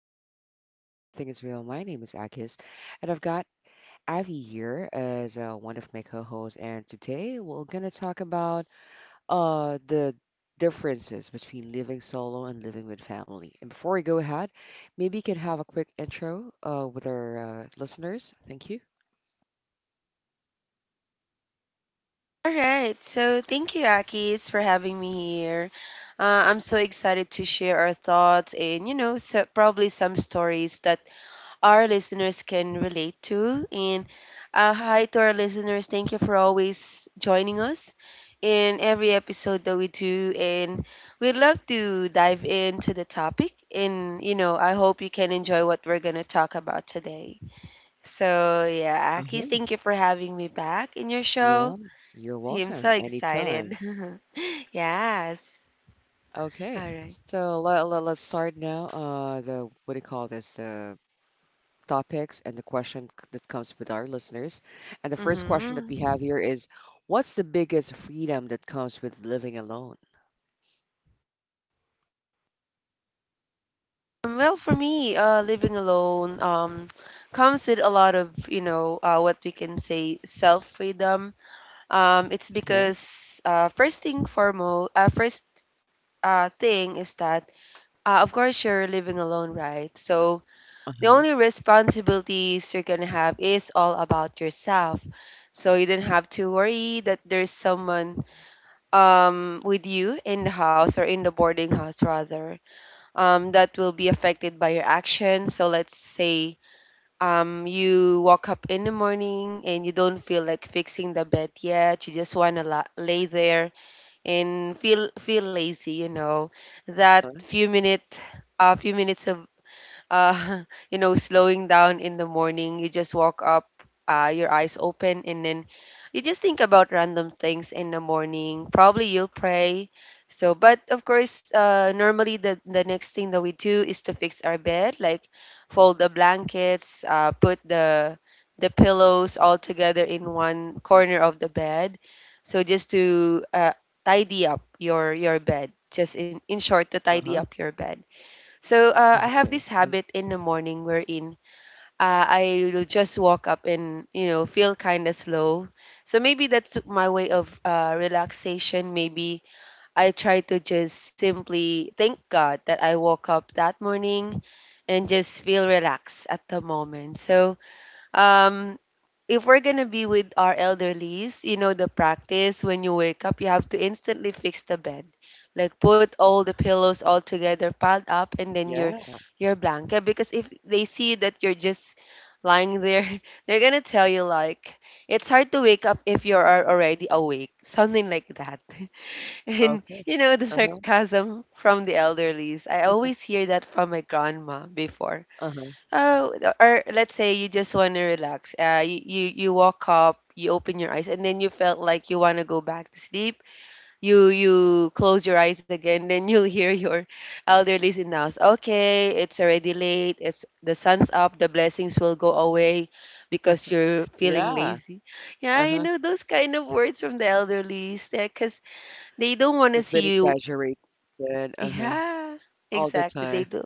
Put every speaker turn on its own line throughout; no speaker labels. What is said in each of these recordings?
vibe stays smooth and everything is real. My name is Akis, and I've got Avi here as one of my co-hosts. And today we're gonna talk about the differences between living solo and living with family. And before we go ahead, maybe you can have a quick intro with our listeners. Thank you.
All right. So thank you, Akis, for having me here. I'm so excited to share our thoughts and, you know, so, probably some stories that our listeners can relate to. And hi to our listeners. Thank you for always joining us in every episode that we do. And we'd love to dive into the topic. And, you know, I hope you can enjoy what we're going to talk about today. So, yeah, Akis,
Uh-huh.
thank you for having me back in your
Yeah,
show.
you're
Hey, I'm so
welcome.
excited.
Anytime.
Yes. All
Okay,
right.
so let us start now. The what do you call this? The topics and the question that comes with our listeners. And the first question
Mm-hmm.
that we have here is, what's the biggest freedom that comes with living alone?
Well, for me, living alone comes with a lot of, you know, what we can say self freedom. It's
Uh-huh.
because first thing foremost, first thing is that, of course, you're living alone, right? So
Uh-huh.
the only responsibilities you're gonna have is all about yourself. So you don't have to worry that there's someone with you in the house or in the boarding house rather that will be affected by your action, so let's say you wake up in the morning and you don't feel like fixing the bed yet, you just want to lay there and feel lazy, you know,
Uh-huh.
that few minute a few minutes of uh, you know, slowing down in the morning. You just walk up, your eyes open, and then you just think about random things in the morning. Probably you'll pray. So, but of course, normally the next thing that we do is to fix our bed, like fold the blankets, put the pillows all together in one corner of the bed. So just to tidy up your bed, just in short, to
Uh-huh.
tidy up your bed. So
Okay.
I have
Mhm.
this habit in the morning wherein I'll just walk up and, you know, feel kind of slow. So maybe that's my way of relaxation. Maybe I try to just simply thank God that I woke up that morning and just feel relaxed at the moment. So um, if we're gonna be with our elderlies, you know the practice. When you wake up, you have to instantly fix the bed, like put all the pillows all together piled up, and then
Yeah.
your blanket. Because if they see that you're just lying there, they're gonna tell you like, it's hard to wake up if you are already awake, something like that. And
Okay.
you know the
Uh-huh.
sarcasm from the elderlies. I always hear that from my grandma before.
Uh-huh.
Oh, or let's say you just want to relax. You walk up, you open your eyes, and then you felt like you want to go back to sleep. You close your eyes again, then you'll hear your elderly in the house. Okay, it's already late. It's the sun's up. The blessings will go away because you're feeling
Yeah.
lazy. Yeah, you
Uh-huh.
know those kind of words from the elderly, because they don't want
The
to
bit
see you.
exaggerated. Uh-huh.
Yeah,
All the time.
exactly. They do.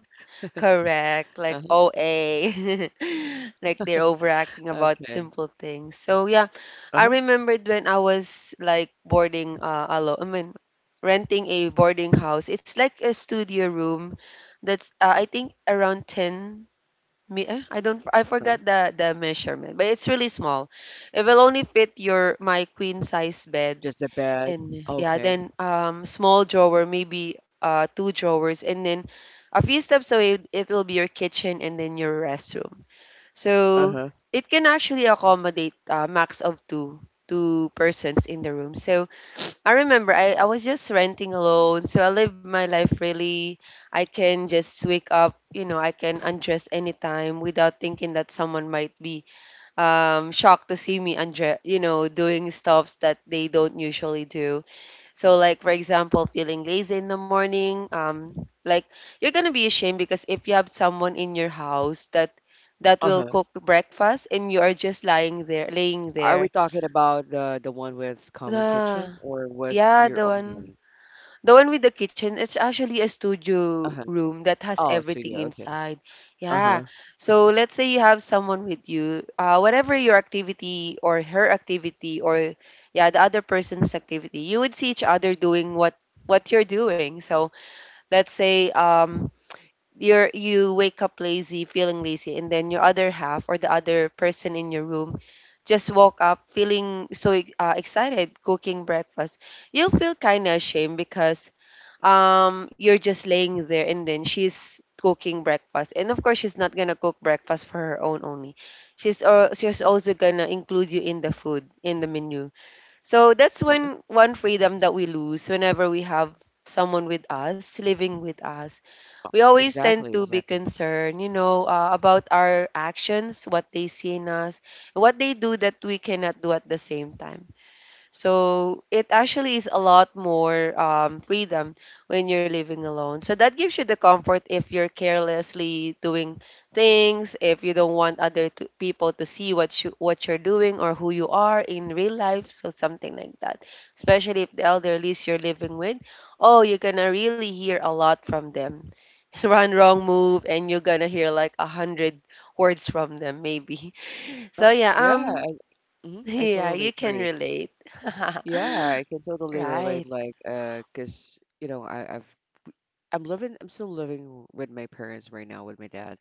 Correct,
Uh-huh.
like OA, like they're overacting
Okay.
about simple things. So yeah,
Uh-huh.
I remembered when I was like boarding alone, I mean renting a boarding house. It's like a studio room that's I think around 10 I don't I
Uh-huh.
forgot the measurement, but it's really small. It will only fit your my queen size bed
Just a bed.
and yeah,
Okay.
then small drawer, maybe two drawers, and then a few steps away, it will be your kitchen and then your restroom.
Uh-huh.
So it can actually accommodate max of two persons in the room. So I remember I was just renting alone, so I live my life really. I can just wake up, you know, I can undress anytime without thinking that someone might be shocked to see me undress, you know, doing stuffs that they don't usually do. So, like for example, feeling lazy in the morning, like you're gonna be ashamed because if you have someone in your house that will
Uh-huh.
cook breakfast and you are just lying there, laying
Are we
there.
talking about the one with common kitchen
Nah,
or with
yeah,
your own one?
the one with the kitchen. It's actually a studio
Uh-huh.
room that has
Oh,
everything
studio. Okay.
inside. Yeah.
Uh-huh.
So let's say you have someone with you. Whatever your activity or her activity or yeah, the other person's activity, you would see each other doing what you're doing. So let's say you wake up lazy, feeling lazy, and then your other half or the other person in your room just woke up feeling so excited, cooking breakfast. You'll feel kind of ashamed because you're just laying there and then she's cooking breakfast. And of course, she's not gonna cook breakfast for her own only. She's also gonna include you in the food, in the menu. So that's
Mhm.
when, one freedom that we lose whenever we have someone with us, living with us, we
Exactly,
always tend
exactly.
to be concerned, you know, about our actions, what they see in us, what they do that we cannot do at the same time. So it actually is a lot more freedom when you're living alone. So that gives you the comfort if you're carelessly doing things, if you don't want other to, people to see what you're doing or who you are in real life. So something like that. Especially if the elderlies you're living with, oh, you're gonna really hear a lot from them. Wrong move, and you're gonna hear like a hundred words from them, maybe.
Huh?
So yeah,
Yeah, I, mhm, I
yeah,
totally
you can
agree.
relate.
Yeah, I can totally relate.
Right.
Like, 'cause you know, I've I'm living, I'm still living with my parents right now with my dad.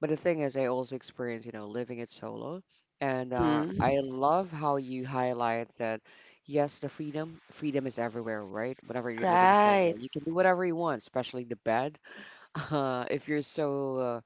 But the thing is, I also experience, you know, living it solo, and
Mm.
I love how you highlight that. Yes, the freedom, freedom is everywhere, right? Whenever you're living
Right.
solo, you can do whatever you want, especially the bed. Uh, if you're so uh,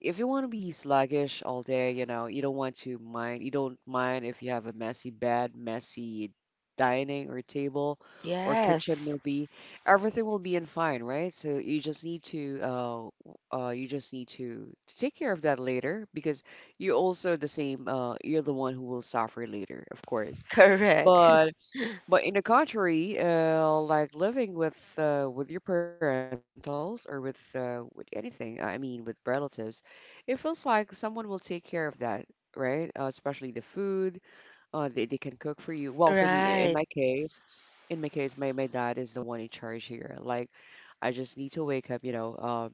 if you want to be sluggish all day, you know, you don't want to mind, you don't mind if you have a messy bed, messy dining or table or kitchen
Yes.
will be everything will be in fine, right? So you just need to you just need to take care of that later because you're also the same you're the one who will suffer later, of course.
Correct.
But but in the contrary, like living with your parentals or with anything, I mean with relatives, it feels like someone will take care of that, right? Especially the food, they can cook for you. Well, for me,
Right.
in my case, my dad is the one in charge here. Like, I just need to wake up, you know,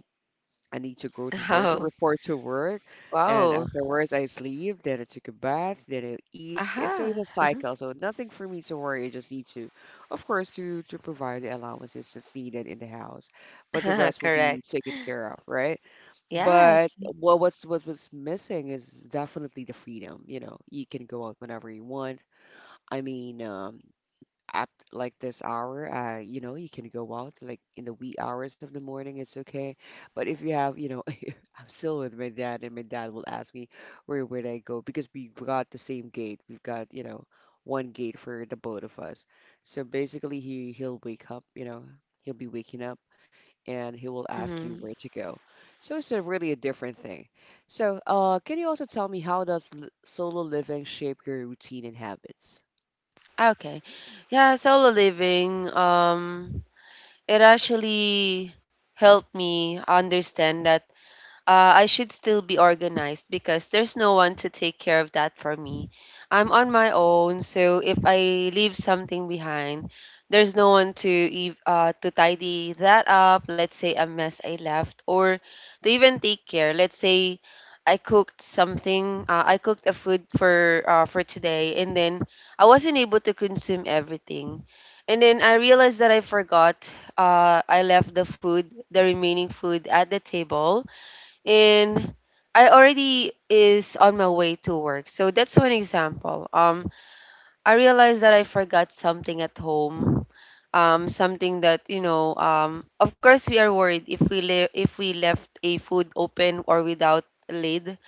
I need to go to work to
Oh,
report to work. And
wow.
afterwards, I sleep, then I took a bath, then I eat. It's- so it's
Aha.
a cycle. So nothing for me to worry. I just need to, of course, to provide the allowances that's needed in the house. But the rest will
Correct.
be taken care of, right? But
Yes.
what was missing is definitely the freedom. You know, you can go out whenever you want. I mean, up like this hour, you know, you can go out like in the wee hours of the morning, it's okay. But if you have, you know, I'm still with my dad, and my dad will ask me where would I go because we got the same gate. We've got, you know, one gate for the both of us. So basically, he'll wake up, you know, he'll be waking up and he will ask you
Hmm.
where to go. So it's a really a different thing. So, can you also tell me how does l solo living shape your routine and habits?
Okay. Yeah, solo living, it actually helped me understand that I should still be organized because there's no one to take care of that for me. I'm on my own, so if I leave something behind, there's no one to to tidy that up. Let's say a mess I left, or to even take care. Let's say I cooked something. I cooked a food for today, and then I wasn't able to consume everything. And then I realized that I forgot. I left the food, the remaining food, at the table, and I already is on my way to work. So that's one example. I realized that I forgot something at home. Something that you know. Of course, we are worried if we left a food open or without lid,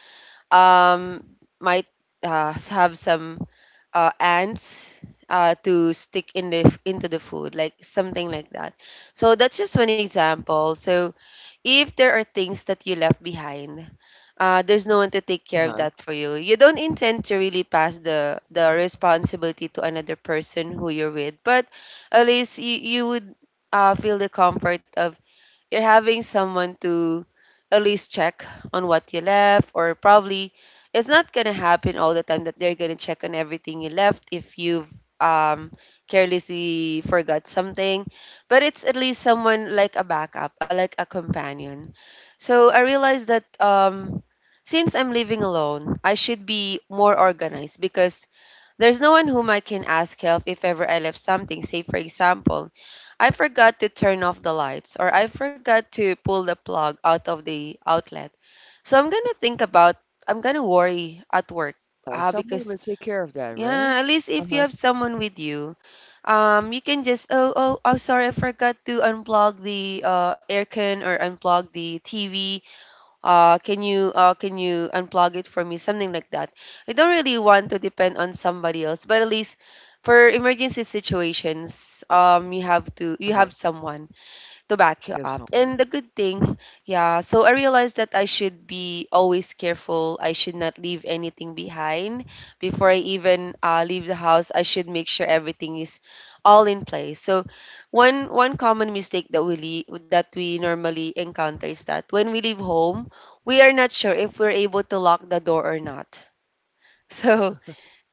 um, might have some ants to stick in into the food, like something like that. So that's just one example. So if there are things that you left behind, there's no one to take care of that for you. You don't intend to really pass the responsibility to another person who you're with, but at least you would feel the comfort of you're having someone to at least check on what you left, or probably it's not gonna happen all the time that they're gonna check on everything you left if you've um, carelessly forgot something. But it's at least someone like a backup, like a companion. So I realized that since I'm living alone, I should be more organized because there's no one whom I can ask help if ever I left something. Say, for example, I forgot to turn off the lights or I forgot to pull the plug out of the outlet. So I'm going to think about, I'm going to worry at work,
Someone
because,
will take care of that,
yeah, at
right?
least if you have
Uh-huh.
someone with you, you can just, oh, oh, oh, sorry, I forgot to unplug the aircon or unplug the TV. Can you can you unplug it for me, something like that. I don't really want to depend on somebody else, but at least for emergency situations, um, you
Uh-huh.
have someone to back you
You have
up. And
someone.
the good thing, yeah, so I realized that I should be always careful. I should not leave anything behind. Before I even leave the house, I should make sure everything is all in place. So one common mistake that that we normally encounter is that when we leave home, we are not sure if we're able to lock the door or not. So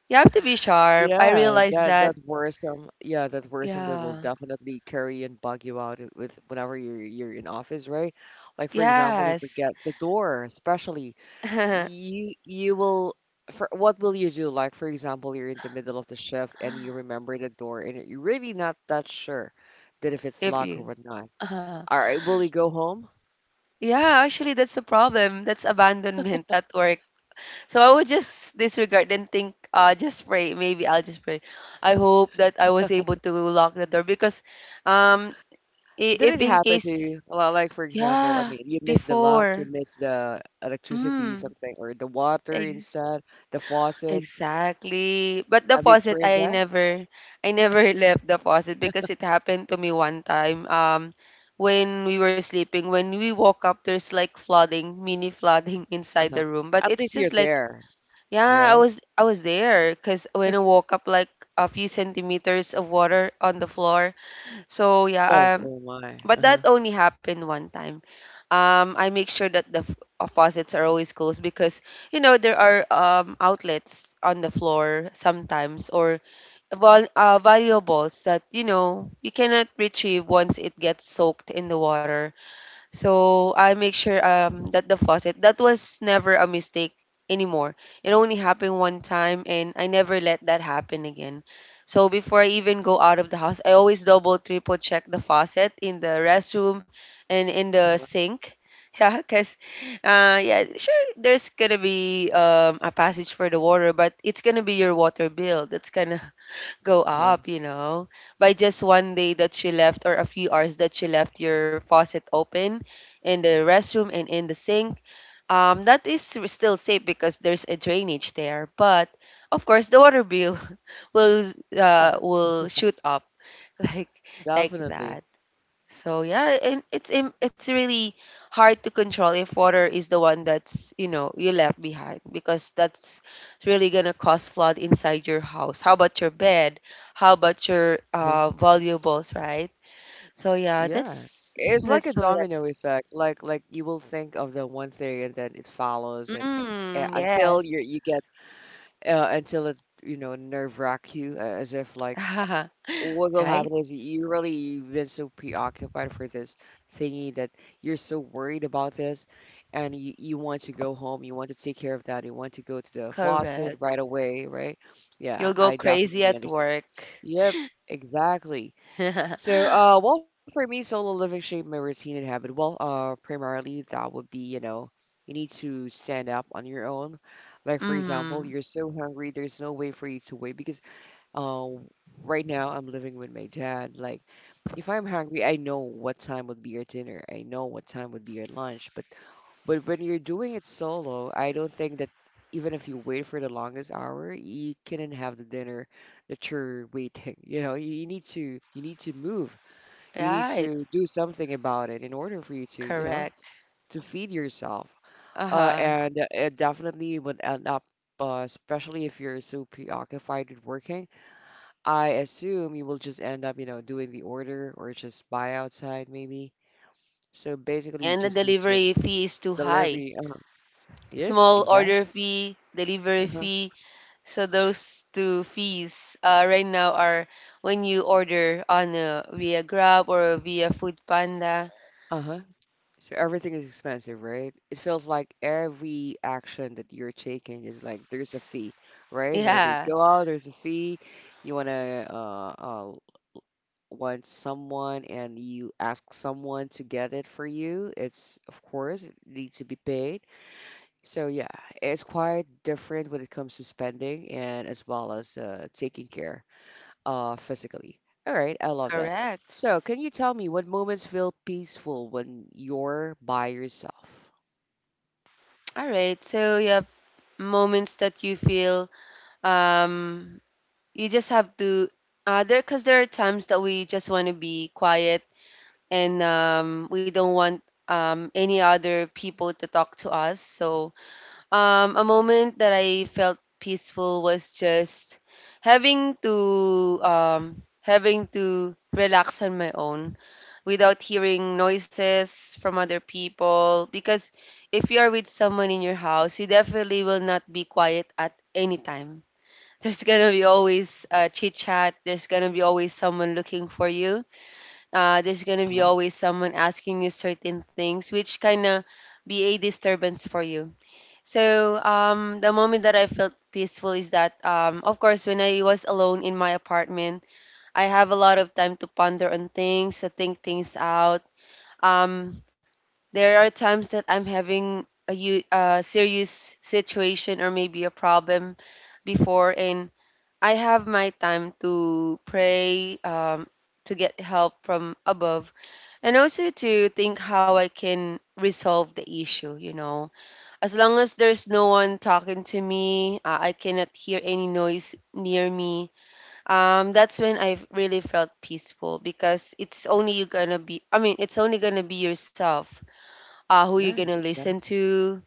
you have to be
Yeah,
sharp. I realized
that
that.
that worrisome. Yeah, that worrisome that will
Yeah.
definitely carry and bug you out with whenever you're in office, right? Like for example, you
Yes.
forget the door, especially you will for what will you do? Like for example, you're in the middle of the shift and you remember the door and you're really not that sure that if it's
If
locked or
you.
whatnot. All right, will you go home?
Yeah, actually, that's a problem. That's abandonment at work. So I would just disregard and think, just pray. Maybe I'll just pray. I hope that I was able to lock the door, because, um,
Did
if
it
in
happen to
case,
you? Well, like for example, I
yeah,
mean, you miss the lock,
before,
you miss the electricity,
mm,
something, or the water
ex-
inside the faucet.
exactly. But the
Have you
faucet,
experienced that?
I never left the faucet because it happened to me one time. When we were sleeping, when we woke up, there's like flooding, mini flooding inside
Uh-huh.
the room. But
At
it's
least you're
just like.
there,
Yeah, I
right?
was I was there because when I woke up, like a few centimeters of water on the floor. So
Oh,
yeah, um,
oh my.
but that
Uh-huh.
only happened one time. I make sure that the faucets are always closed because you know there are outlets on the floor sometimes or vol valuables that you know you cannot retrieve once it gets soaked in the water. So I make sure that the faucet, that was never a mistake anymore. It only happened one time and I never let that happen again. So before I even go out of the house, I always double triple check the faucet in the restroom and in the
Uh-huh.
sink. Yeah, cause yeah, sure there's gonna be a passage for the water, but it's gonna be your water bill. That's gonna go
Uh-huh.
up, you know, by just one day that she left or a few hours that she left your faucet open in the restroom and in the sink. That is still safe because there's a drainage there, but of course the water bill will
Yeah,
uh will shoot up like like that.
definitely.
So yeah, and it's really hard to control if water is the one that's, you know, you left behind because that's really gonna cause flood inside your house. How about your bed? How about your
Uh-huh.
valuables, right? So yeah,
Yeah.
that's
It's like a
that's what.
domino effect. Like you will think of the one thing and then it follows and,
Mm,
until
yes,
you get until it you know nerve wrack you as if like what will
right,
happen is you really you've been so preoccupied for this thingy that you're so worried about this and you want to go home, you want to take care of that, you want to go to the faucet
correct.
right away, right? Yeah,
You'll go
I
crazy
definitely
at
understand.
work.
Yep, exactly. So well, for me, solo living shape my routine and habit. Well, primarily that would be, you know, you need to stand up on your own. Like for example,
Mm,
you're so hungry, there's no way for you to wait because um, right now I'm living with my dad. Like, if I'm hungry, I know what time would be your dinner. I know what time would be your lunch. But when you're doing it solo, I don't think that even if you wait for the longest hour, you couldn't have the dinner that you're waiting. You know, you, you need to move. You need
right,
to do something about it in order for you to, you know,
correct.
to feed yourself.
Uh
Uh,
huh.
and uh, it definitely would end up, especially if you're so preoccupied with working. I assume you will just end up, you know, doing the order or just buy outside maybe. So basically, you
And the
just need to
delivery fee is too high.
delivery. Uh-huh. Yep,
Small
exactly.
order fee, delivery
Uh-huh.
fee. So those two fees right now are when you order on via Grab or via Food Panda.
Uh-huh. So everything is expensive, right? It feels like every action that you're taking is like there's a fee, right? Whenever you
Yeah,
go out, there's a fee. You wanna want someone and you ask someone to get it for you. It's of course it needs to be paid. So yeah, it's quite different when it comes to spending and as well as taking care physically. All right, I love that.
correct.
So can you tell me what moments feel peaceful when you're by yourself?
All right. So yeah, moments that you feel um you just have to there, because there are times that we just want to be quiet and we don't want any other people to talk to us. So a moment that I felt peaceful was just having to relax on my own without hearing noises from other people. Because if you are with someone in your house, you definitely will not be quiet at any time. There's gonna be always chit chat. There's gonna be always someone looking for you. There's
Uh-huh.
gonna be always someone asking you certain things, which kinda be a disturbance for you. So the moment that I felt peaceful is that, of course, when I was alone in my apartment, I have a lot of time to ponder on things, to think things out. Um, there are times that I'm having a serious situation or maybe a problem before, and I have my time to pray, to get help from above, and also to think how I can resolve the issue, you know. As long as there's no one talking to me, I cannot hear any noise near me. That's when I really felt peaceful because it's only you gonna be. I mean, it's only gonna be yourself. Who you're
Yeah,
gonna listen
exactly.
to,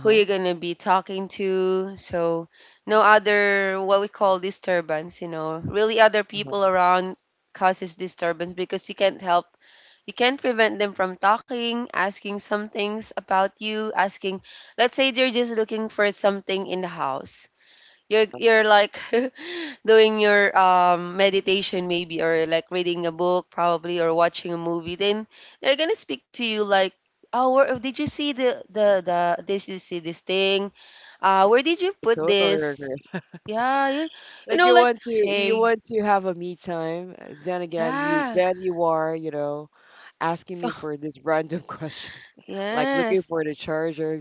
who you're gonna be talking to. So no other, what we call, disturbance. You know, really other
Uh-huh.
people around causes disturbance because you can't prevent them from talking, asking some things about you, asking, let's say they're just looking for something in the house. You're like doing your meditation maybe, or like reading a book probably, or watching a movie, then they're gonna speak to you like, oh, did you see the the the this, you see this thing, where did you
I
put
totally
this,
agree.
yeah you
Like
know, like,
you
hey,
want to have a me time. Then again, you
yeah,
then you are, you know, asking
so
me for this random question. Like looking
yes,
for the charger.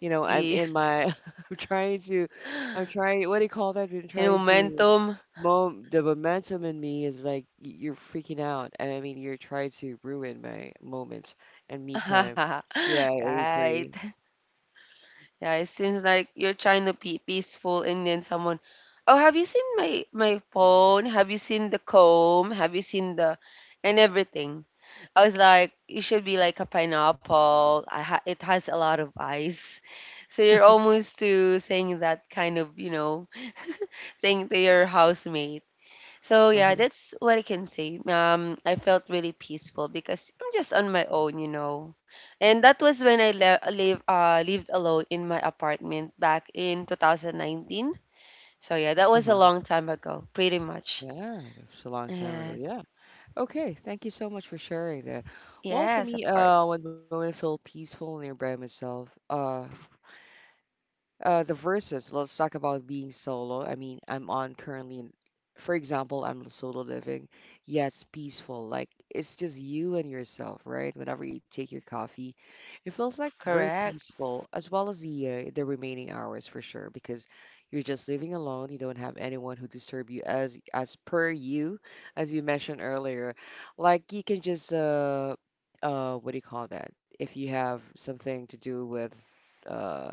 You know, I'm
yeah,
in my, I'm trying to, I'm trying, what do you call that? I'm trying to,
momentum.
mom, the momentum in me is like, you're freaking out. And I mean, you're trying to ruin my moment and me time. Yeah, I
Right.
agree.
Yeah, it seems like you're trying to be peaceful and then someone, "Oh, have you seen my phone? Have you seen the comb? Have you seen the and everything?" I was like, "It should be like a pineapple. I ha It has a lot of eyes." So you're almost to saying that kind of, you know, thing to your housemate. So yeah,
Uh-huh.
that's what I can say. I felt really peaceful because I'm just on my own, you know. And that was when I lived alone in my apartment back in 2019. So yeah, that was a
Uh-huh.
long time ago, pretty much.
Yeah, it's a long time ago. Yeah.
Yes,
Okay, thank you so much for sharing that. Well, for
yes,
me,
of course,
one moment I felt peaceful near by myself. Uh, the verses, let's talk about being solo. I mean, I'm on currently, for example, I'm solo living. Yeah, it's peaceful. Like, it's just you and yourself, right? Whenever you take your coffee, it feels like very
correct.
peaceful, as well as the remaining hours for sure, because you're just living alone. You don't have anyone who disturb you as per you, as you mentioned earlier. Like, you can just what do you call that? If you have something to do with uh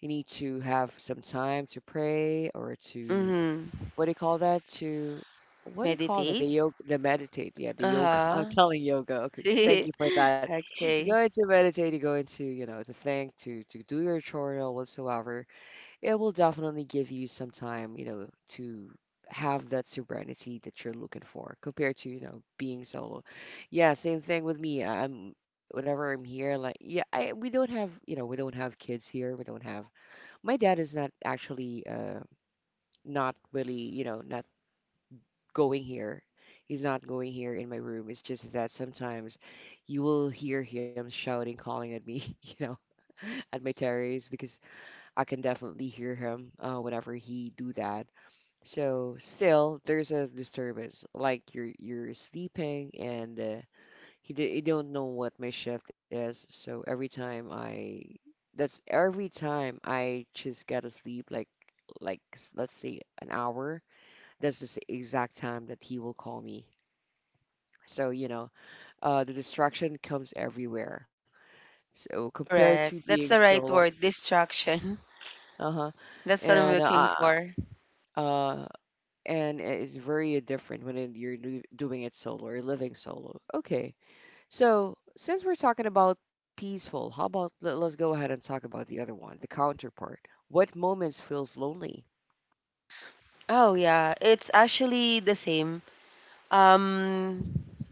you need to have some time to pray or to
Mm-hmm.
what do you call that? To what do you call that?
Meditate.
The yoga, the meditate. Yeah,
Uh
the yoga. I'm
huh.
telling yoga. Okay, thank you for that. You
Okay,
go into meditate. You go into you know to think, to do your journal whatsoever. It will definitely give you some time, you know, to have that serenity that you're looking for compared to you know being solo. Yeah, same thing with me. I'm whenever I'm here, like, yeah, I we don't have, you know, we don't have kids here, we don't have, my dad is not actually not really, you know, not going here. He's not going here in my room. It's just that sometimes you will hear him shouting calling at me you know, at my terrace because I can definitely hear him whenever he do that. So still there's a disturbance. Like you're sleeping and he don't know what my shift is. So every time I, that's every time I just gotta sleep like let's say an hour. That's just the exact time that he will call me. So you know, the distraction comes everywhere. So compared to
correct.
being
That's the right
solo,
word. Distraction.
uh-huh,
That's what I'm
and
looking
uh,
for.
uh, and it's very different when you're doing it solo or living solo. Okay. Since we're talking about peaceful, how about let us go ahead and talk about the other one, the counterpart. What moments feels lonely?
Oh yeah, it's actually the same. um,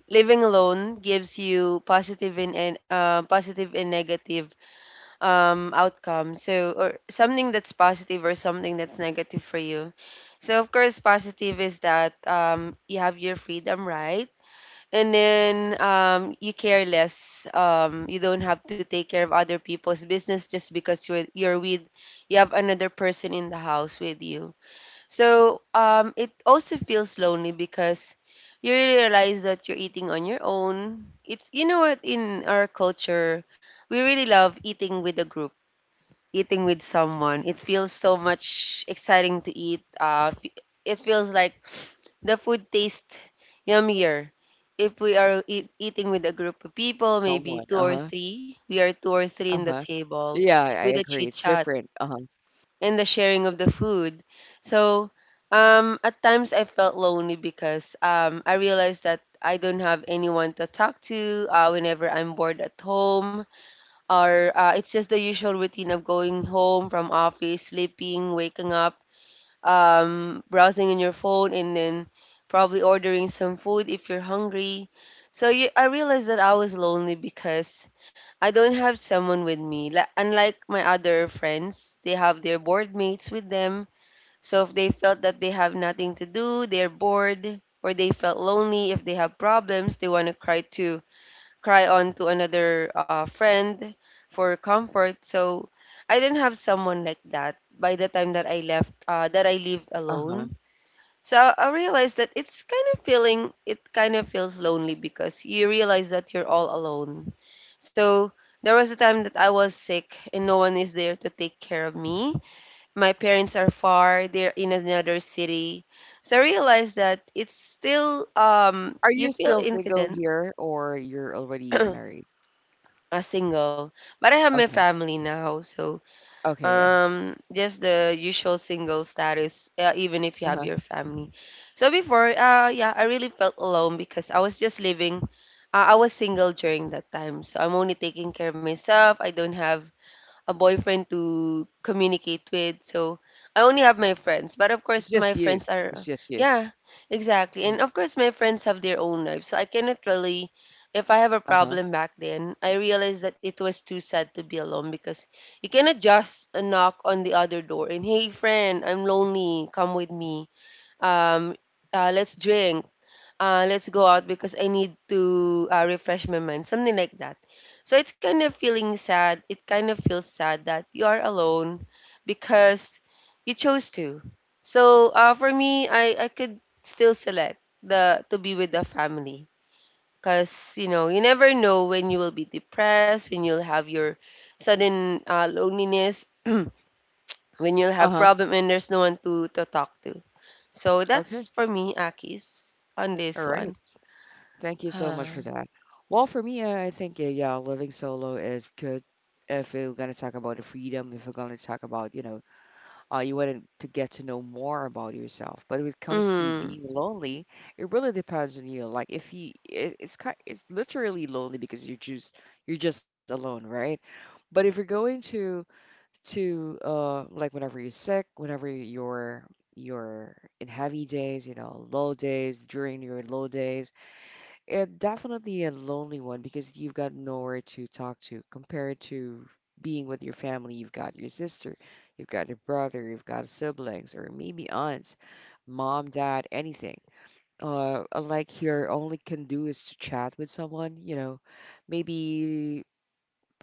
Living alone gives you positive and positive and negative outcomes. So, or something that's positive or something that's negative for you. So, of course, positive is that you have your freedom, right? And then you care less. You don't have to take care of other people's business just because you have another person in the house with you. So it also feels lonely because you realize that you're eating on your own. It's, you know what, in our culture we really love eating with a group, eating with someone. It feels so much exciting to eat. It feels like the food tastes yummier if we are eating with a group of people, maybe
Someone,
two or
uh-huh,
three. We are two or
uh-huh.
three in the
Yeah, I
table,
I agree.
with a
It's
chit
different.
chat
Uh-huh,
and the sharing of the food. So at times I felt lonely because I realized that I don't have anyone to talk to whenever I'm bored at home, or it's just the usual routine of going home from office, sleeping, waking up, browsing in your phone, and then probably ordering some food if you're hungry. I realized that I was lonely because I don't have someone with me. Like, unlike my other friends, they have their board mates with them. So if they felt that they have nothing to do, they're bored, or they felt lonely, if they have problems, they want to cry on to another friend for comfort. So I didn't have someone like that by the time that that I lived
uh-huh.
alone. So I realized that it kind of feels lonely because you realize that you're all alone. So there was a time that I was sick and no one is there to take care of me. My parents are far, they're in another city. So I realized that it's still,
Are
you
you
feel
still single
confident.
here or you're already married?
A single, but I have my
Okay.
family now, so
Okay, yeah.
just the usual single status, even if you have
Uh-huh.
your family. So before, yeah, I really felt alone because I was just living. I was single during that time, so I'm only taking care of myself. I don't have a boyfriend to communicate with. So I only have my
It's
friends. But
just
of
you.
course, my
It's
friends
just you.
are, yeah,
Mhm.
exactly. And of course, my friends have their own lives. So I cannot really, if I have a
Uh-huh.
problem back then, I realized that it was too sad to be alone because you cannot just knock on the other door and, hey, friend, I'm lonely. Come with me. Um, let's drink, let's go out because I need to refresh my mind, something like that. So it's kind of feeling sad. It kind of feels sad that you are alone because you chose to. So for me, I could still select the to be with the family because you know you never know when you will be depressed, when you'll have your sudden loneliness, when you'll have
Uh-huh.
problem and there's no one to talk to. So
Okay.
that's for me, Akis, on
All
this
right.
one.
Thank you so much for that. Well, for me, I think yeah, living solo is good. If you're gonna talk about the freedom, if you're gonna talk about, you wanted to get to know more about yourself. But when it comes to
Mm,
being lonely, it really depends on you. Like if you, it, it's kind, it's literally lonely because you're just alone, right? But if you're going to like whenever you're sick, whenever you're in heavy days, you know, low days, during your low days it definitely a lonely one because you've got nowhere to talk to compared to being with your family. You've got your sister, you've got your brother, you've got siblings, or maybe aunts, mom, dad, anything. Like your only can do is to chat with someone, you know, maybe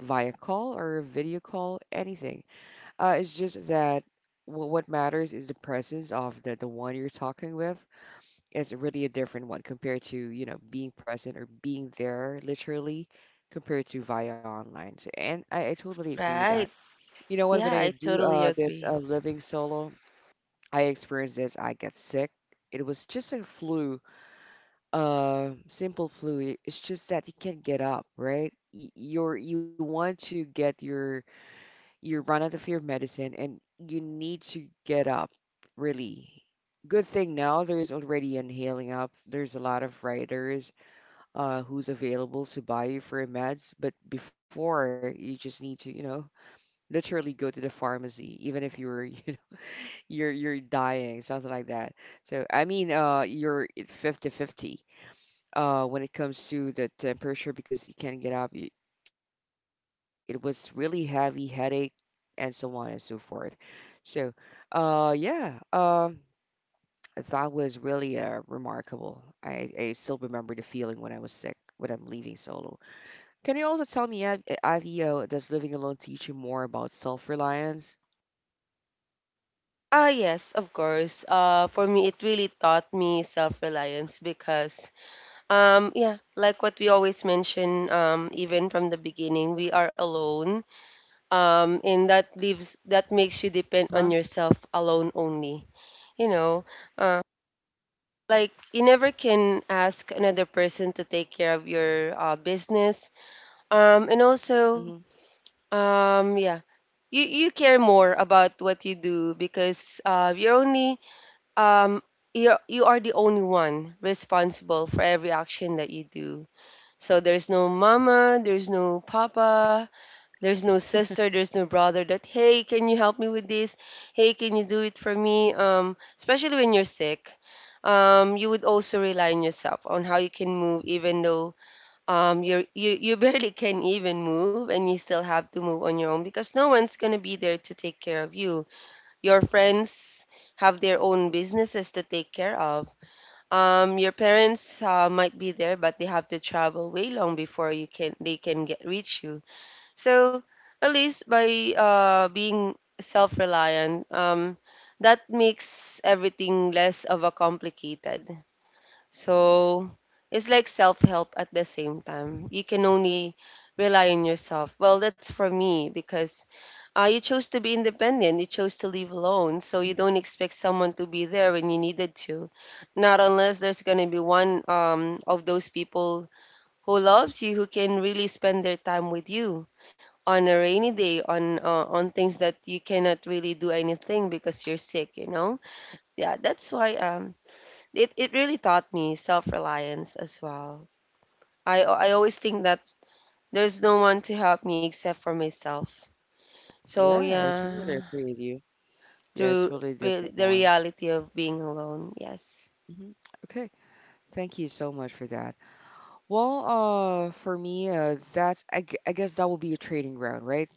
via call or a video call, anything. It's just that what matters is the presence of the one you're talking with is really a different one compared to, you know, being present or being there literally compared to via online. So, and I totally agree with
right.
that. You know what?
Yeah,
When
I
I do
totally
this
agree.
living solo, I experienced this. I get sick. It was just a flu, simple flu. It's just that you can't get up, right? You're you want to get your you run out of your medicine and you need to get up really good thing now there's already an healing up there's a lot of writers who's available to buy you for your meds but before you just need to you know literally go to the pharmacy even if you're you know, you're dying something like that so I mean you're fifty-fifty when it comes to the temperature because you can't get up. It was really heavy headache and so on and so forth. So, uh, yeah, um, that was really remarkable. I still remember the feeling when I was sick when I'm leaving solo. Can you also tell me, Avi, does living alone teach you more about self-reliance?
Ah, yes, of course. For me, it really taught me self-reliance because, yeah, like what we always mention, even from the beginning, we are alone. And
Huh?
that leaves that makes you depend on yourself alone only. You know, uh, like you never can ask another person to take care of your business.
Hmm.
And also yeah. You care more about what you do because you're only um you you are the only one responsible for every action that you do. So there's no mama, there's no papa, there's no sister, there's no brother that, hey, can you help me with this? Hey, can you do it for me? Especially when you're sick. You would also rely on yourself on how you can move even though you barely can even move, and you still have to move on your own because no one's going to be there to take care of you. Your friends have their own businesses to take care of, your parents might be there, but they have to travel way long before you can they can get reach you. So at least by being self-reliant, that makes everything less of a complicated. So it's like self help at the same time. You can only rely on yourself. Well, that's for me because you chose to be independent. You chose to live alone. So you don't expect someone to be there when you needed to. Not unless there's going to be one of those people who loves you, who can really spend their time with you on a rainy day, on things that you cannot really do anything because you're sick. Yeah, that's why it really taught me self-reliance as well. I always think that there's no one to help me except for myself. So
Yeah, I totally
yeah,
agree with you. Yeah, it's
through
really a
re-
different
the
one.
reality of being alone. Yes.
Hmm. Okay, thank you so much for that. Well, for me, I guess that will be a trading ground, right?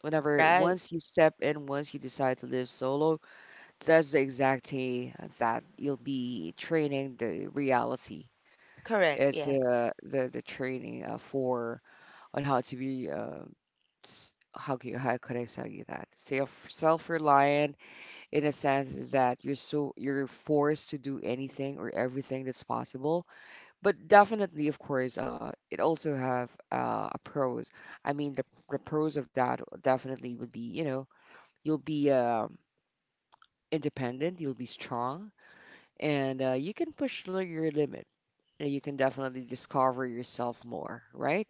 Whenever
Right.
once you step in, once you decide to live solo, that's the exact day that you'll be training the reality.
Correct.
It's
Yes.
the training for on how to be how could I tell you that? Self-reliant in a sense that you're forced to do anything or everything that's possible but definitely, of course, it also have a pros. I mean, the pros of that definitely would be, you know, you'll be independent, you'll be strong, and you can push your limit. And you can definitely discover yourself more, right?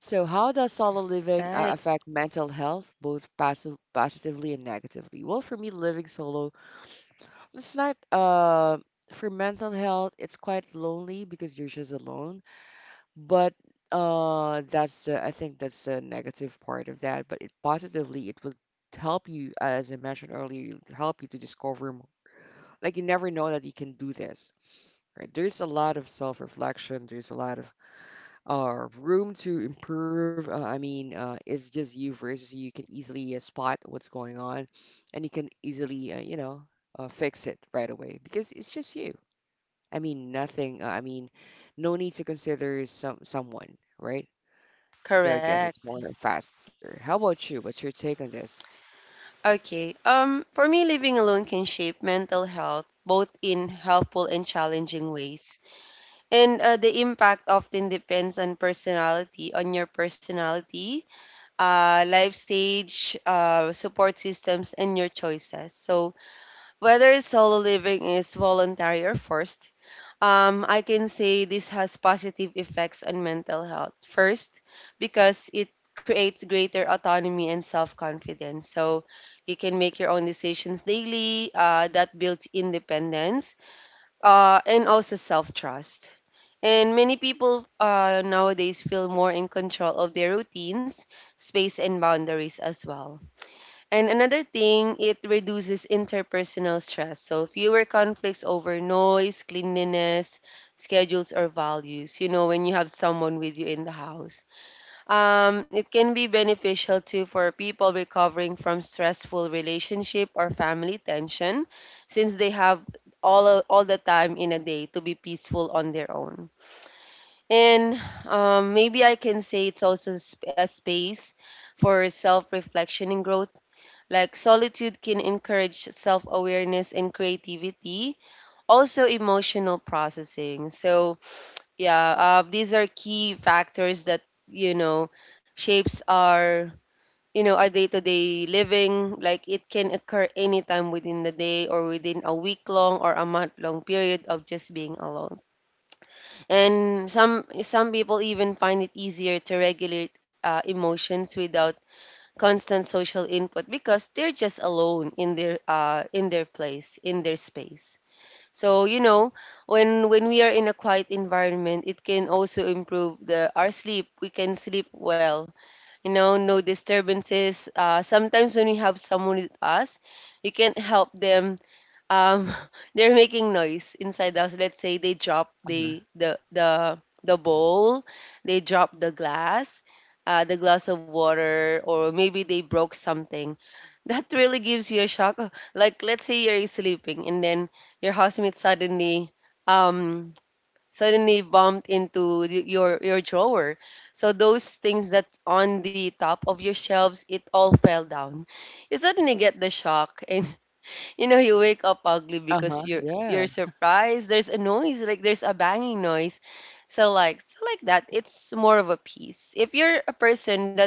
So, how does solo living
Right.
affect mental health, both positively and negatively? Well, for me, living solo, it's not for mental health. It's quite lonely because you're just alone. But that's I think that's a negative part of that. But it positively it will help you, as I mentioned earlier, it'll help you to discover more. Like you never know that you can do this. Right? There's a lot of self-reflection. There's a lot of room to improve. It's just you versus you. You can easily spot what's going on, and you can easily you know fix it right away because it's just you. I mean, nothing. No need to consider someone, right? So I guess it's
Correct.
more faster. How about you? What's your take on this?
Okay. For me, living alone can shape mental health both in helpful and challenging ways. And the impact often depends on personality, on your personality, life stage, support systems, and your choices. So, whether solo living is voluntary or forced, I can say this has positive effects on mental health. First, because it creates greater autonomy and self confidence. So, you can make your own decisions daily, that builds independence and also self trust. And many people nowadays feel more in control of their routines, space, and boundaries as well. And another thing, it reduces interpersonal stress. So, fewer conflicts over noise, cleanliness, schedules, or values. You know, when you have someone with you in the house, it can be beneficial too for people recovering from stressful relationship or family tension, since they have all the time in a day to be peaceful on their own. And maybe I can say it's also a a space for self reflection and growth. Like solitude can encourage self awareness and creativity, also emotional processing. So, yeah, these are key factors that, you know, shapes our. You know, our day to day living, like it can occur anytime within the day or within a week long or a month long period of just being alone. And some people even find it easier to regulate emotions without constant social input because they're just alone in their place, in their space. So you know, when we are in a quiet environment, it can also improve the our sleep. We can sleep well. You know, no disturbances. Sometimes when we have someone with us, you can't help them um they're making noise inside the house. Let's say they drop
Uh-huh.
the bowl, they drop the glass of water, or maybe they broke something. That really gives you a shock. Oh, like let's say you're sleeping and then your housemate suddenly um suddenly bumped into your your drawer. So those things that's on the top of your shelves, it all fell down. You suddenly get the shock and you know, you wake up ugly because
Uh-huh.
you're
Yeah.
surprised. There's a noise, like there's a banging noise. So like that, it's more of a peace. If you're a person that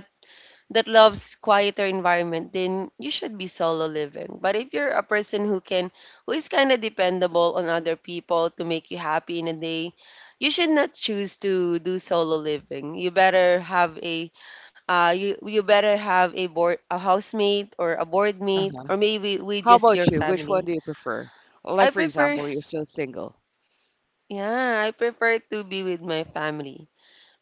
loves quieter environment, then you should be solo living. But if you're a person who can who is kind of dependable on other people to make you happy in a day, you should not choose to do solo living. You better have a you better have a board a housemate or a board mate
Uh-huh.
or maybe we
How
just your
about you? Which one
family.
do you prefer? Well,
I
like, for
prefer,
example, you're still single.
yeah, I prefer to be with my family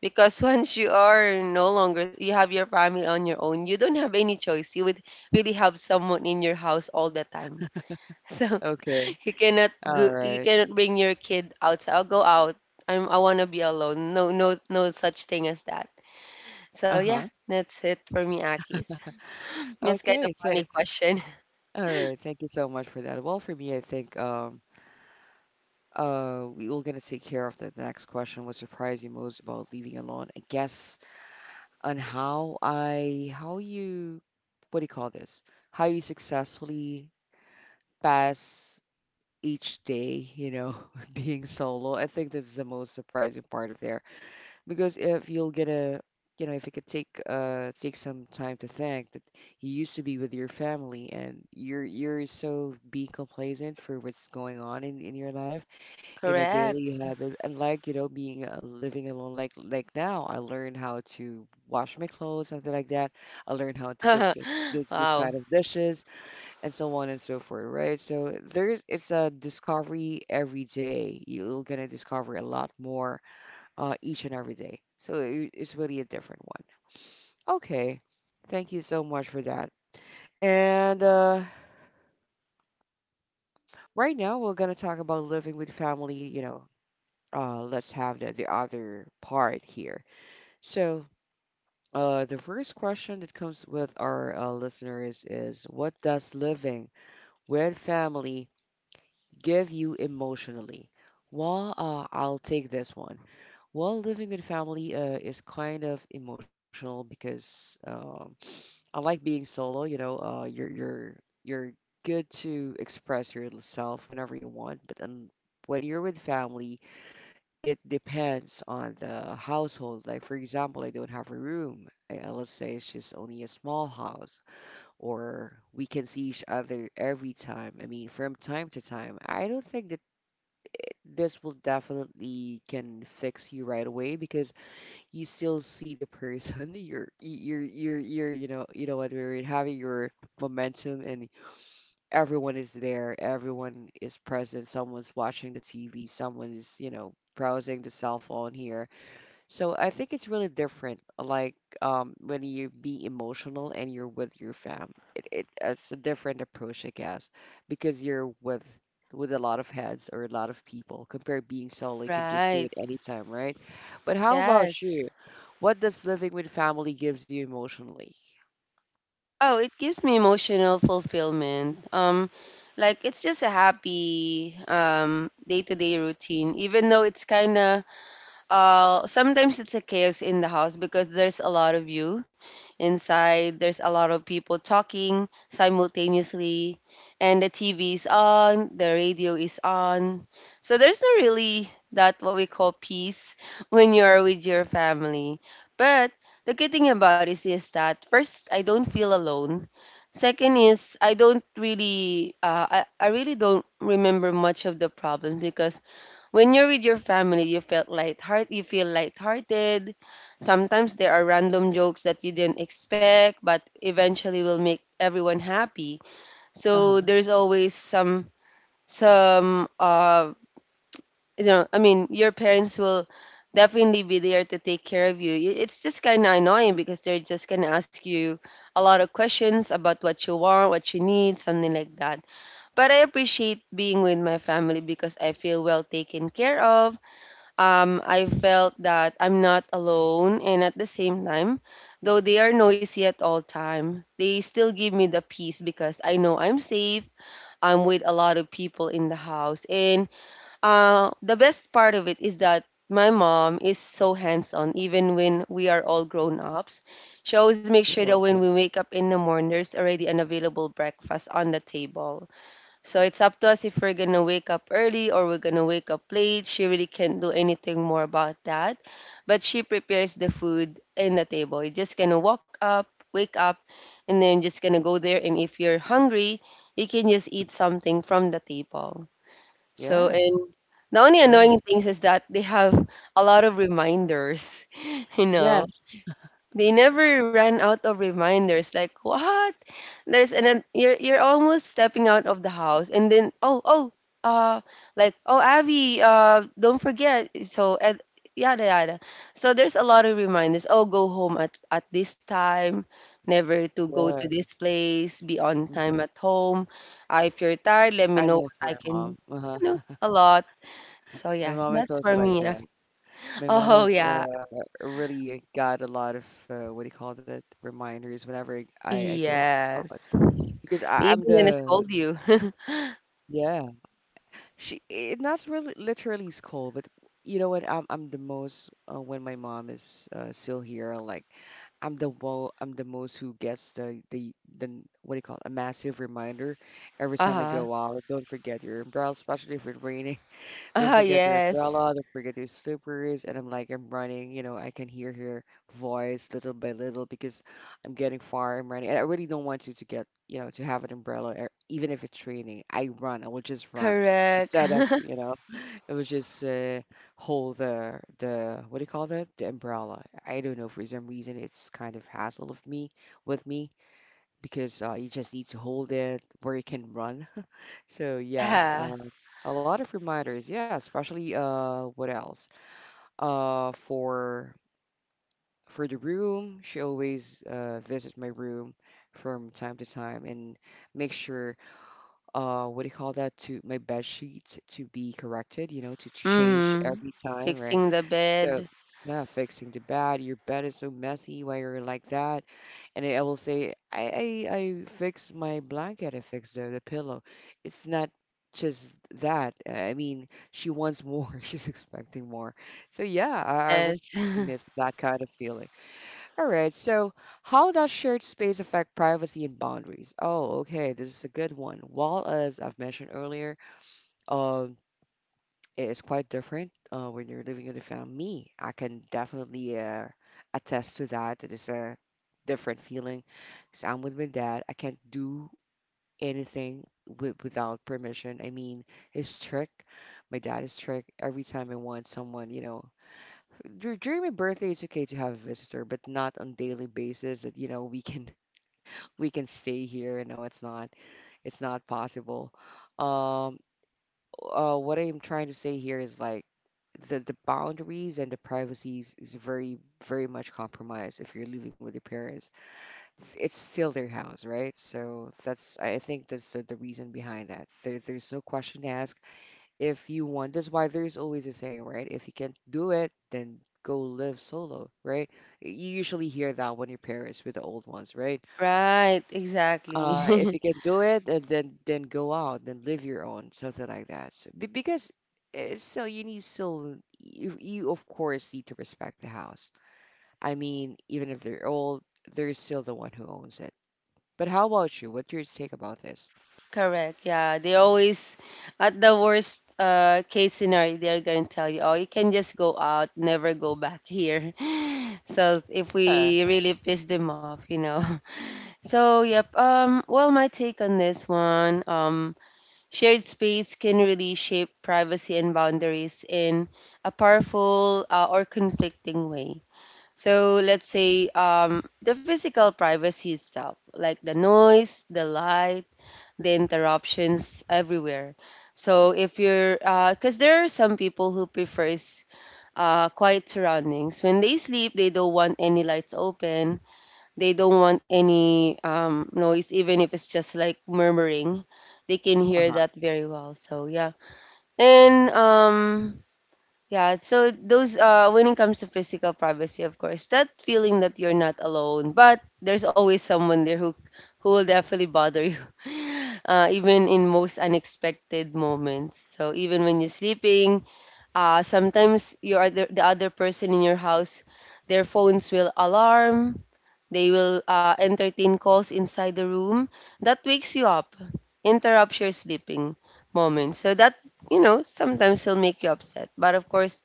because once you are no longer you have your family on your own, you don't have any choice. You would really have someone in your house all the time. So
Okay.
you cannot
All
go, you
right.
cannot bring your kid outside. I'll go out. I want to be alone. No, no, no such thing as that. So yeah,
Uh-huh.
that's it for me, Akis. That's kind of
Okay.
funny question.
All right. Thank you so much for that. Well, for me, I think we will gonna take care of the next question. What surprised you most about leaving alone? I guess on how you what do you call this? How you successfully pass each day, you know, being solo. I think that's the most surprising part of there because if you'll get a, you know, if you could take take some time to think that you used to be with your family and you're so being complacent for what's going on in your life in a
Correct.
daily habit, unlike you know being living alone. Like now, I learned how to wash my clothes, something like that. I learned how to cook this
Wow.
kind of dishes and so on and so forth, right? So there's it's a discovery every day. You're gonna discover a lot more each and every day. So it's really a different one. Okay, thank you so much for that. And right now we're gonna talk about living with family. You know, let's have the other part here. So. The first question that comes with our listeners is what does living with family give you emotionally? Well, I'll take this one. Well, living with family is kind of emotional because unlike being solo, you know, you're good to express yourself whenever you want, but when you're with family, it depends on the household. Like for example, I don't have a room. Let's say it's just only a small house, or we can see each other every time. I mean, from time to time. I don't think that this will definitely can fix you right away because you still see the person you're you know what we're having your momentum and everyone is there, everyone is present, someone's watching the TV, someone is you know browsing the cell phone here, so I think it's really different, like when you be emotional and you're with your fam. It it's a different approach, I guess, because you're with a lot of heads or a lot of people compared being solo, you can just do
Right.
it anytime, right? But how about you?
Yes.
What does living with family gives you emotionally?
Oh, it gives me emotional fulfillment. Like it's just a happy day-to-day routine, even though it's kind of sometimes it's a chaos in the house because there's a lot of you inside, there's a lot of people talking simultaneously, and the TV is on, the radio is on, so there's not really that what we call peace when you are with your family. But the good thing about it is that, first, I don't feel alone. Second is, I don't really I really don't remember much of the problem because when you're with your family, you felt lightheart you feel lighthearted. Sometimes there are random jokes that you didn't expect, but eventually will make everyone happy. So
Uh-huh.
there's always some some uh you know, I mean, your parents will definitely be there to take care of you. It's just kind of annoying because they're just gonna ask you a lot of questions about what you want, what you need, something like that. But I appreciate being with my family because I feel well taken care of. I felt that I'm not alone, and at the same time, though they are noisy at all time, they still give me the peace because I know I'm safe. I'm with a lot of people in the house, and the best part of it is that my mom is so hands-on, even when we are all grown-ups. She always makes
Yeah,
sure that when we
okay.
wake up in the morning, there's already an available breakfast on the table, so it's up to us if we're gonna wake up early or we're gonna wake up late. She really can't do anything more about that. But she prepares the food in the table. You're just gonna walk up, wake up, and then just gonna go there. And if you're hungry, you can just eat something from the table. So
Yeah,
and the only annoying
right.
things is that they have a lot of reminders. You know,
Yes.
they never run out of reminders. Like what? There's an you're almost stepping out of the house and then oh oh uh like oh Abby don't forget so and yada yada. So there's a lot of reminders. Oh, go home at this time, never to go to
Yeah.
this place, be on time
Hmm.
at home, if you're tired let me
I
know what
miss
I
my
can,
mom.
you
Uh-huh.
know, a lot. So yeah,
My mom
that's
is
for
also
me.
like
Yeah.
that. My mom
Oh
is
yeah.
really got a lot of what do you call that reminders whenever I go out
Yes.
because I'm
Even gonna
the
scold you.
yeah she it not really literally scold but you know what I'm the most when my mom is still here like I'm the most who gets the what do you call it a massive reminder every time I
Uh-huh.
go out don't forget your umbrella especially if it's raining don't
Ah,
forget your
yes.
umbrella, don't forget your slippers. And I'm like, I'm running, you know, I can hear her voice little by little because I'm getting far, I'm running. And I really don't want you to get, you know, to have an umbrella, or even if it's raining. I run, I will just run
Correct.
instead of, you know, it was just hold the what do you call that? The umbrella. I don't know for some reason it's kind of hassle of me with me because you just need to hold it where you can run. So yeah,
Yeah.
a lot of reminders. Yeah, especially what else? Uh, for for the room, she always visits my room from time to time and make sure what do you call that to my bed sheet to be corrected you know to change
Mhm.
every time right
Fixing the
so
bed.
yeah fixing the bed your bed is so messy why you're like that and i will say I fix my blanket I fix the pillow it's not just that I mean she wants more she's expecting more so yeah I really
Yes.
miss that kind of feeling. All right. So, how does shared space affect privacy and boundaries? Oh, okay. This is a good one. Well, as I've mentioned earlier, um, it is quite different when you're living in a family. Me, I can definitely attest to that. It is a different feeling. So I'm with my dad. I can't do anything without permission. I mean, he's strict. My dad is strict. Every time I want someone, during my birthday it's okay to have a visitor but not on daily basis that we can we can stay here. No, it's not, it's not possible. um what I'm trying to say here is like the boundaries and the privacies is very, very much compromised if you're living with your parents. It's still their house, right? So that's, I think that's the reason behind that. There's no question to ask if you want. That's why there's always a saying, right? If you can't do it, then go live solo, right? You usually hear that when your parents it with the old ones, right?
Right, exactly.
If you can do it, and then go out, then live your own, something like that. So, because still, you of course need to respect the house. I mean, even if they're old, they're still the one who owns it. But how about you? What's your take about this?
Correct. Yeah, they always at the worst case scenario they're going to tell you, "Oh, you can just go out, never go back here." So, if
Yeah.
we really piss them off, you know. So, yep. Well, my take on this one, shared space can really shape privacy and boundaries in a powerful or conflicting way. So let's say the physical privacy itself, like the noise, the light, the interruptions everywhere. So if you're, because there are some people who prefers quiet surroundings. When they sleep, they don't want any lights open. They don't want any noise, even if it's just like murmuring. They can hear
Uh-huh.
that very well. So yeah, and yeah, so those when it comes to physical privacy, of course, that feeling that you're not alone, but there's always someone there who will definitely bother you. Even in most unexpected moments. So even when you're sleeping, sometimes you are the other person in your house, their phones will alarm, they will entertain calls inside the room that wakes you up, interrupts your sleeping moments. So that, you know, sometimes will make you upset. But of course,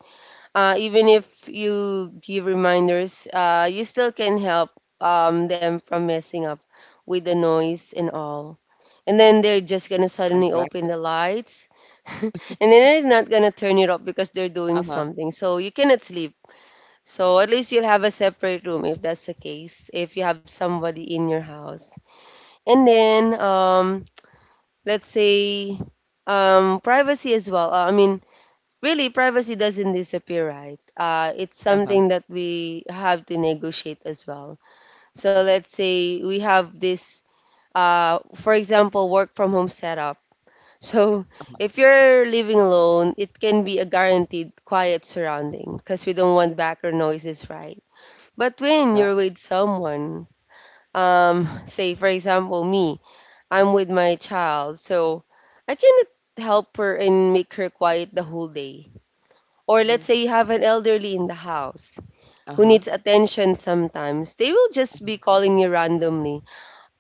even if you give reminders, you still can help them from messing up with the noise and all. And then they're just gonna suddenly open
Exactly.
the lights, and then they're not gonna turn it off because they're doing
Uh-huh.
something. So you cannot sleep. So at least you'll have a separate room if that's the case. If you have somebody in your house, and then let's say privacy as well. Really privacy doesn't disappear, right? It's
Uh-huh.
something that we have to negotiate as well. So let's say we have this for example work from home setup, so
Uh-huh.
if you're living alone it can be a guaranteed quiet surrounding because we don't want background noises, right? But when you're with
Exactly.
someone, say for example me, I'm with my child, so I cannot help her and make her quiet the whole day. Or
Mm-hmm.
let's say you have an elderly in the house who
Uh-huh.
needs attention sometimes, they will just
Mhm.
be calling you randomly.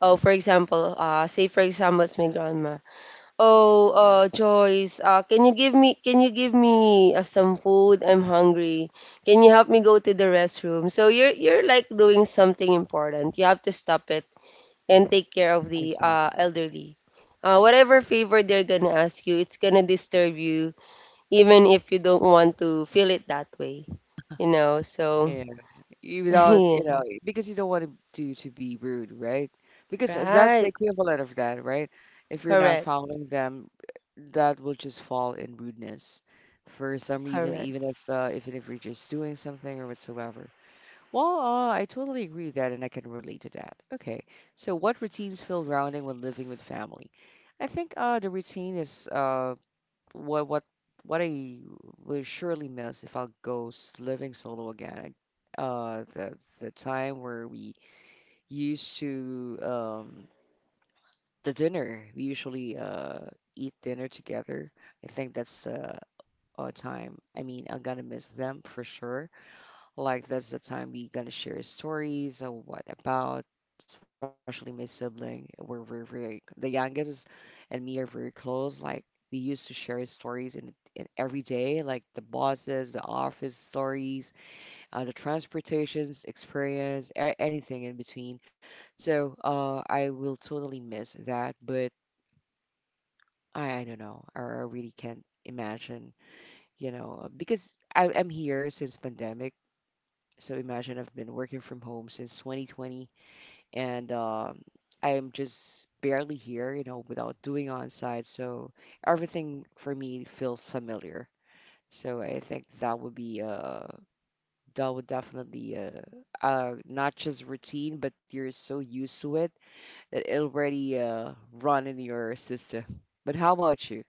Oh, for example, say for example, it's my grandma. Oh, Joyce, can you give me can you give me some food? I'm hungry. Can you help me go to the restroom? So you're like doing something important. You have to stop it and take care of the
Exactly.
elderly. Whatever favor they're gonna ask you, it's gonna disturb you even if you don't want to feel it that way, you know. So,
Yeah. Without, you
yeah,
know, because you don't want to be rude, right? Because that's the
right,
equivalent of that, right? If you're not
correct,
following them, that will just fall in rudeness for some reason,
correct.
even if you're just doing something or whatsoever. Well, I totally agree with that, and I can relate to that. Okay. So, what routines feel grounding when living with family? I think the routine is what what what I will surely miss if I go living solo again. The time where we used to the dinner we usually eat dinner together. I think that's a time. I mean, I'm gonna miss them for sure. Like that's the time we gonna share stories or what about, especially my sibling. We're very, very the youngest is- and me are very close. Like we used to share stories in every day, like the bosses, the office stories, the transportations experience, anything in between. So I will totally miss that, but I don't know. I really can't imagine, you know, because I'm here since pandemic, so imagine I've been working from home since 2020, and I am just barely here, you know, without doing on site. So everything for me feels familiar. So I think that would be that would definitely not just routine, but you're so used to it that it already run in your system. But how about you?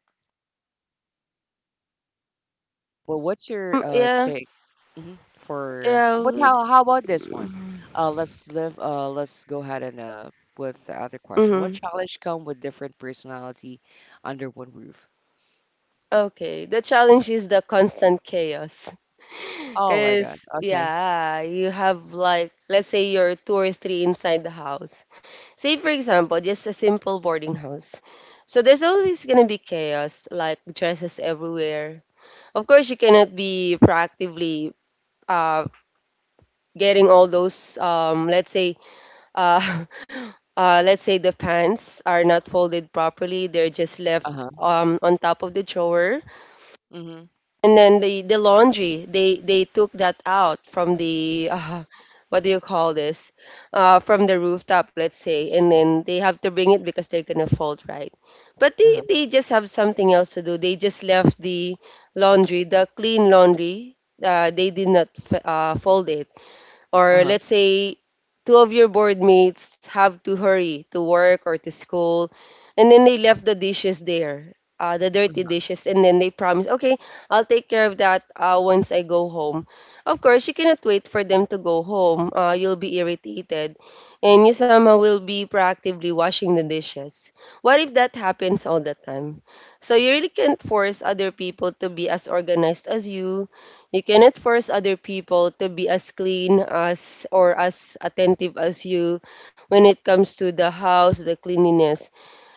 Well, what's your
Mm. Yeah,
take, hmm, for but
yeah.
how about this one? Let's live let's go ahead and with the other question. What
Mm-hmm.
challenge come with different personality under one roof?
Okay, the challenge is the constant chaos.
Oh my God.
Because,
Okay.
yeah, you have like, let's say you're two or three inside the house. Say, for example, just a simple boarding house. So there's always going to be chaos, like dresses everywhere. Of course, you cannot be proactively uh, getting all those, let's say, uh, let's say the pants are not folded properly, they're just left
Uh-huh.
on top of the drawer.
Mm-hmm.
And then the laundry, they took that out from the what do you call this, from the rooftop, let's say, and then they have to bring it because they're gonna fold, right? But they,
Uh-huh.
they just have something else to do, they just left the laundry, the clean laundry. They did not fold it. Or
Uh-huh.
let's say two of your board mates have to hurry to work or to school and then they left the dishes there, the dirty dishes, and then they promise okay, I'll take care of that once I go home. Of course you cannot wait for them to go home, you'll be irritated and you somehow will be proactively washing the dishes. What if that happens all the time? So you really can't force other people to be as organized as you. You cannot force other people to be as clean as or as attentive as you when it comes to the house, the cleanliness.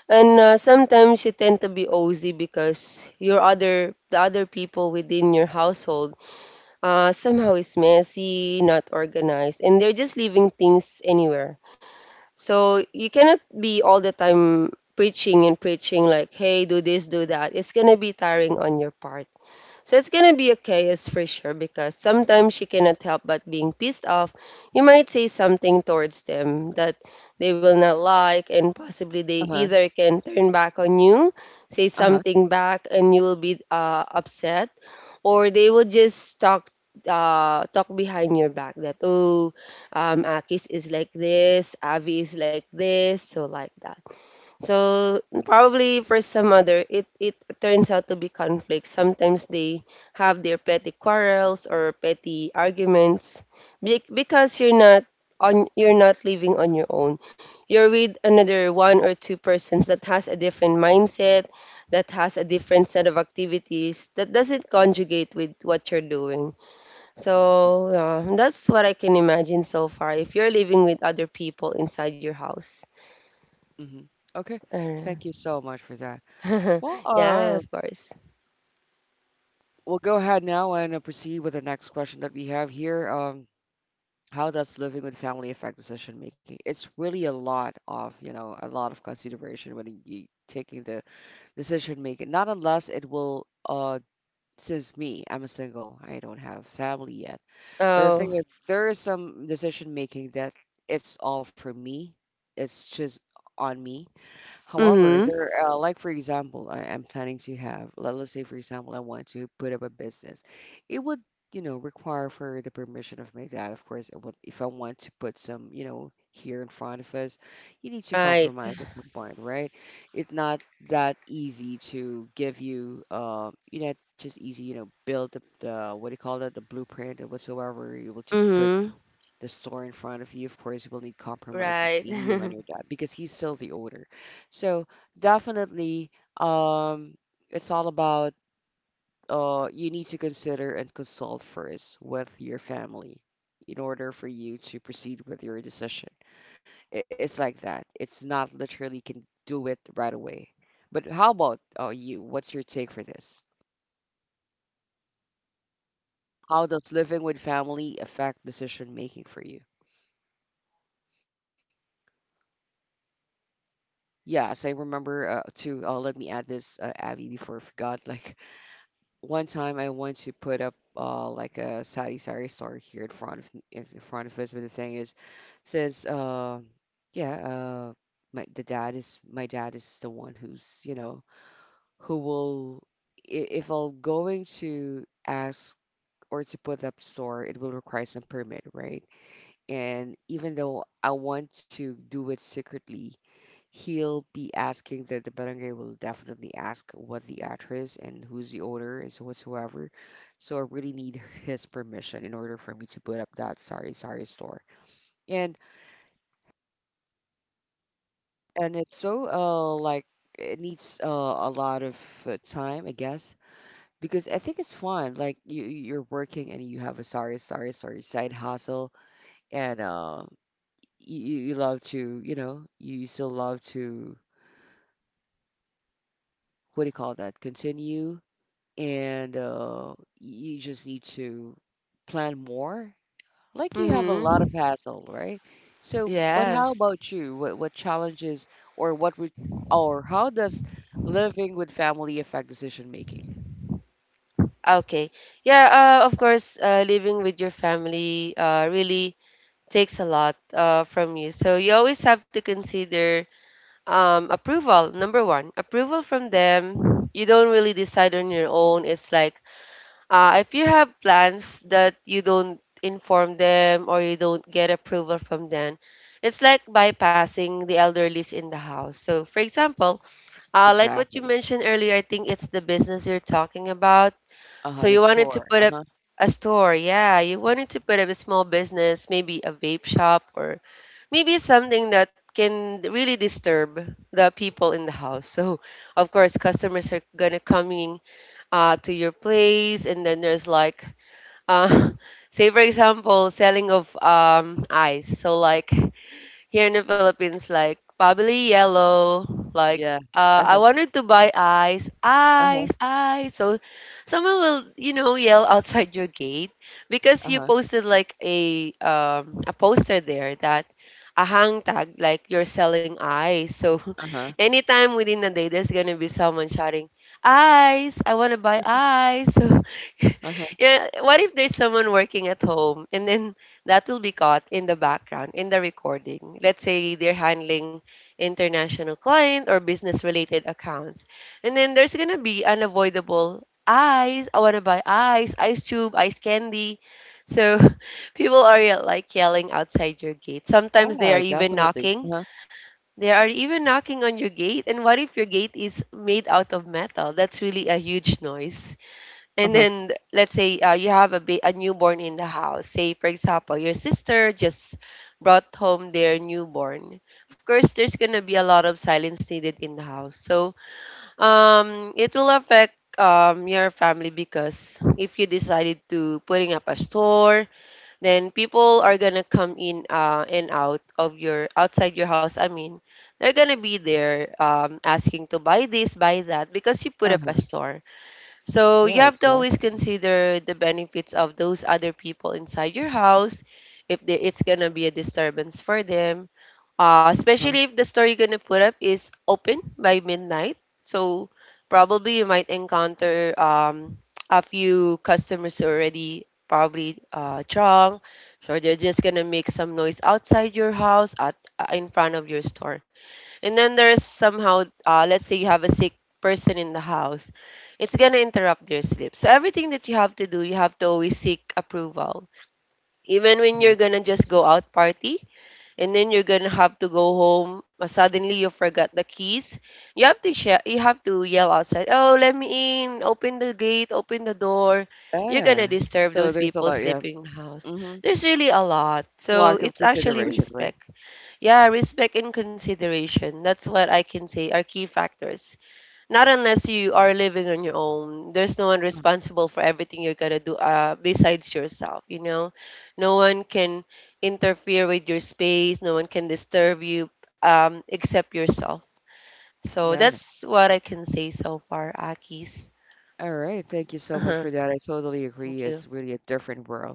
And sometimes you tend to be OZ because your other the other people within your household somehow is messy, not organized, and they're just leaving things anywhere. So you cannot be all the time preaching and preaching like, hey, do this, do that. It's gonna be tiring on your part. So it's gonna be a chaos for sure because sometimes you cannot help but being pissed off. You might say something towards them that they will not like, and possibly they
Uh-huh.
either can turn back on you, say
Uh-huh.
something back, and you will be upset, or they will just talk. Talk behind your back that oh, Akis is like this, Avi is like this, so like that. So probably for some other, it turns out to be conflicts. Sometimes they have their petty quarrels or petty arguments because you're not on you're not living on your own. You're with another one or two persons that has a different mindset, that has a different set of activities that doesn't conjugate with what you're doing.
Mm-hmm.
So yeah, that's what I can imagine so far, if you're living with other people inside your house.
Mm-hmm. Okay. Thank you so much for that. Well,
Yeah, of course.
we'll go ahead now and proceed with the next question that we have here. How does living with family affect decision making? It's really a lot of, you know, a lot of consideration when you taking the decision making. Not unless it will, since me, I'm a single, I don't have family yet. But the
Oh.
thing is, there is some decision making that it's all for me. It's just on me. However,
Mhm.
there, like for example, I'm planning to have, let's say for example, I want to put up a business. It would, you know, require for the permission of my dad, of course. It would, if I want to put some, you know, here in front of us, you need to
Right.
compromise at some point, right? It's not that easy to give you, you know, just easy, you know, build the what do you call that, the blueprint and whatsoever. You will just put
Mhm.
the store in front of you, of course, you will need compromise
Right.
between you and your dad because he's still the owner. So definitely, um, it's all about you need to consider and consult first with your family in order for you to proceed with your decision. It's like that. It's not literally can do it right away. But how about you? What's your take for this? How does living with family affect decision making for you? Yes, I remember to let me add this, Abby, before I forgot. Like one time, I want to put up like a Saudi Sari store here in front of us, but the thing is, says, yeah, uh, my dad is the one who's you know who will, if I'm going to ask or to put up store, it will require some permit, right? And even though I want to do it secretly, he'll be asking that the barangay will definitely ask what the address and who's the owner is whatsoever. So I really need his permission in order for me to put up that sorry sorry store. And and it's so like it needs a lot of time, I guess. Because I think it's fun. Like you're working and you have a sorry, sorry, sorry side hustle, and you love to, you know, you still love to, what do you call that? Continue and you just need to plan more. Like you have a lot of
Mhm.
hassle, right? So, but how
Yes.
about you? What challenges or what re or how does living with family affect decision making?
Okay. Yeah, of course, living with your family really takes a lot from you. So you always have to consider, approval, number one, approval from them. You don't really decide on your own. It's like, uh, if you have plans that you don't inform them or you don't get approval from them, it's like bypassing the elderlies in the house. So, for example, like what you
Exactly.
mentioned earlier, I think it's the business you're talking about.
Uh-huh,
So,
the
you wanted
store.
to put up
Uh-huh.
a store, yeah, you wanted to put up a small business, maybe a vape shop, or maybe something that can really disturb the people in the house. So, of course, customers are gonna coming to your place, and then there's like, uh, say for example, selling of ice. So like, here in the Philippines, like probably yellow. Like
Yeah. Uh-huh.
I wanted to buy ice,
Uh-huh.
ice, ice. So someone will, you know, yell outside your gate because you
Uh-huh.
posted like a poster there, that a hang tag, like you're selling ice. So
Uh-huh.
anytime within the day, there's gonna be someone shouting. Ice, I want to buy ice. So,
Uh-huh.
yeah, what if there's someone working at home and then that will be caught in the background in the recording. Let's say they're handling international client or business related accounts. And then there's going to be unavoidable eyes. I want to buy ice, ice tube, ice candy. So people are like yelling outside your gate. Sometimes they
Yeah,
are even
definitely.
knocking.
Uh-huh.
They are even knocking on your gate. And what if your gate is made out of metal? That's really a huge noise. And
Uh-huh.
then let's say you have a a newborn in the house. Say for example, your sister just brought home their newborn. Of course, there's gonna be a lot of silence needed in the house. So it will affect, your family, because if you decided to putting up a store, then people are gonna come in and out of your outside your house. I mean, they're gonna be there, asking to buy this, buy that, because you put up
Uh-huh.
a store. So
Yeah,
you have to always
exactly.
consider the benefits of those other people inside your house if they, it's gonna be a disturbance for them.
Uh-huh.
Especially if the store you're gonna put up is open by midnight. So probably you might encounter, a few customers already probably drunk. So they're just gonna make some noise outside your house at in front of your store. And then there's somehow, let's say you have a sick person in the house, it's gonna interrupt their sleep. So everything that you have to do, you have to always seek approval. Even when
Uh-huh.
you're gonna just go out party, and then you're gonna have to go home. Suddenly you forgot the keys. You have to share. You have to yell outside. Oh, let me in! Open the gate. Open the door. You're gonna
Yeah.
disturb
So
those
there's a
people
lot, yeah.
sleeping in the house.
Mm-hmm.
There's really a lot.
A
So
lot of
it's actually
consideration, right?
respect. Yeah, respect and consideration. That's what I can say are key factors. Not unless you are living on your own. There's no one
Uh,
responsible for everything you're gonna do, besides yourself, you know? No one can interfere with your space, no one can disturb you except yourself. So
Yeah.
that's what I can say so far, Akis.
All right, thank you so much for
Uh-huh.
that. I totally agree.
Thank
It's
you.
really a different world.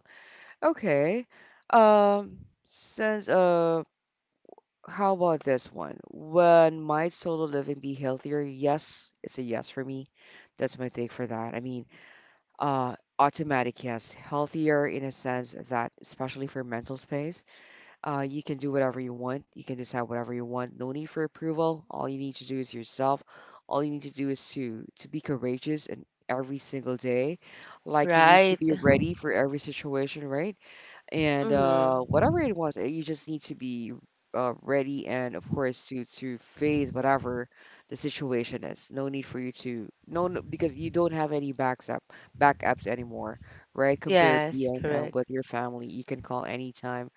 Okay. Um, since how about this one? When might solo living be healthier? Yes, it's a yes for me. That's my take for that. I mean, automatic yes, healthier in a sense that, especially for mental space. You can do whatever you want. You can decide whatever you want. No need for approval. All you need to do is yourself. All you need to do is to be courageous in every single day. Like you need to
Right.
be ready for every situation, right? And
Mm-hmm.
whatever it was, you just need to be ready and of course to face whatever the situation is. No need for you to because you don't have any backs up backups anymore, right? Compare
Yes,
being
correct.
with your family, you can call anytime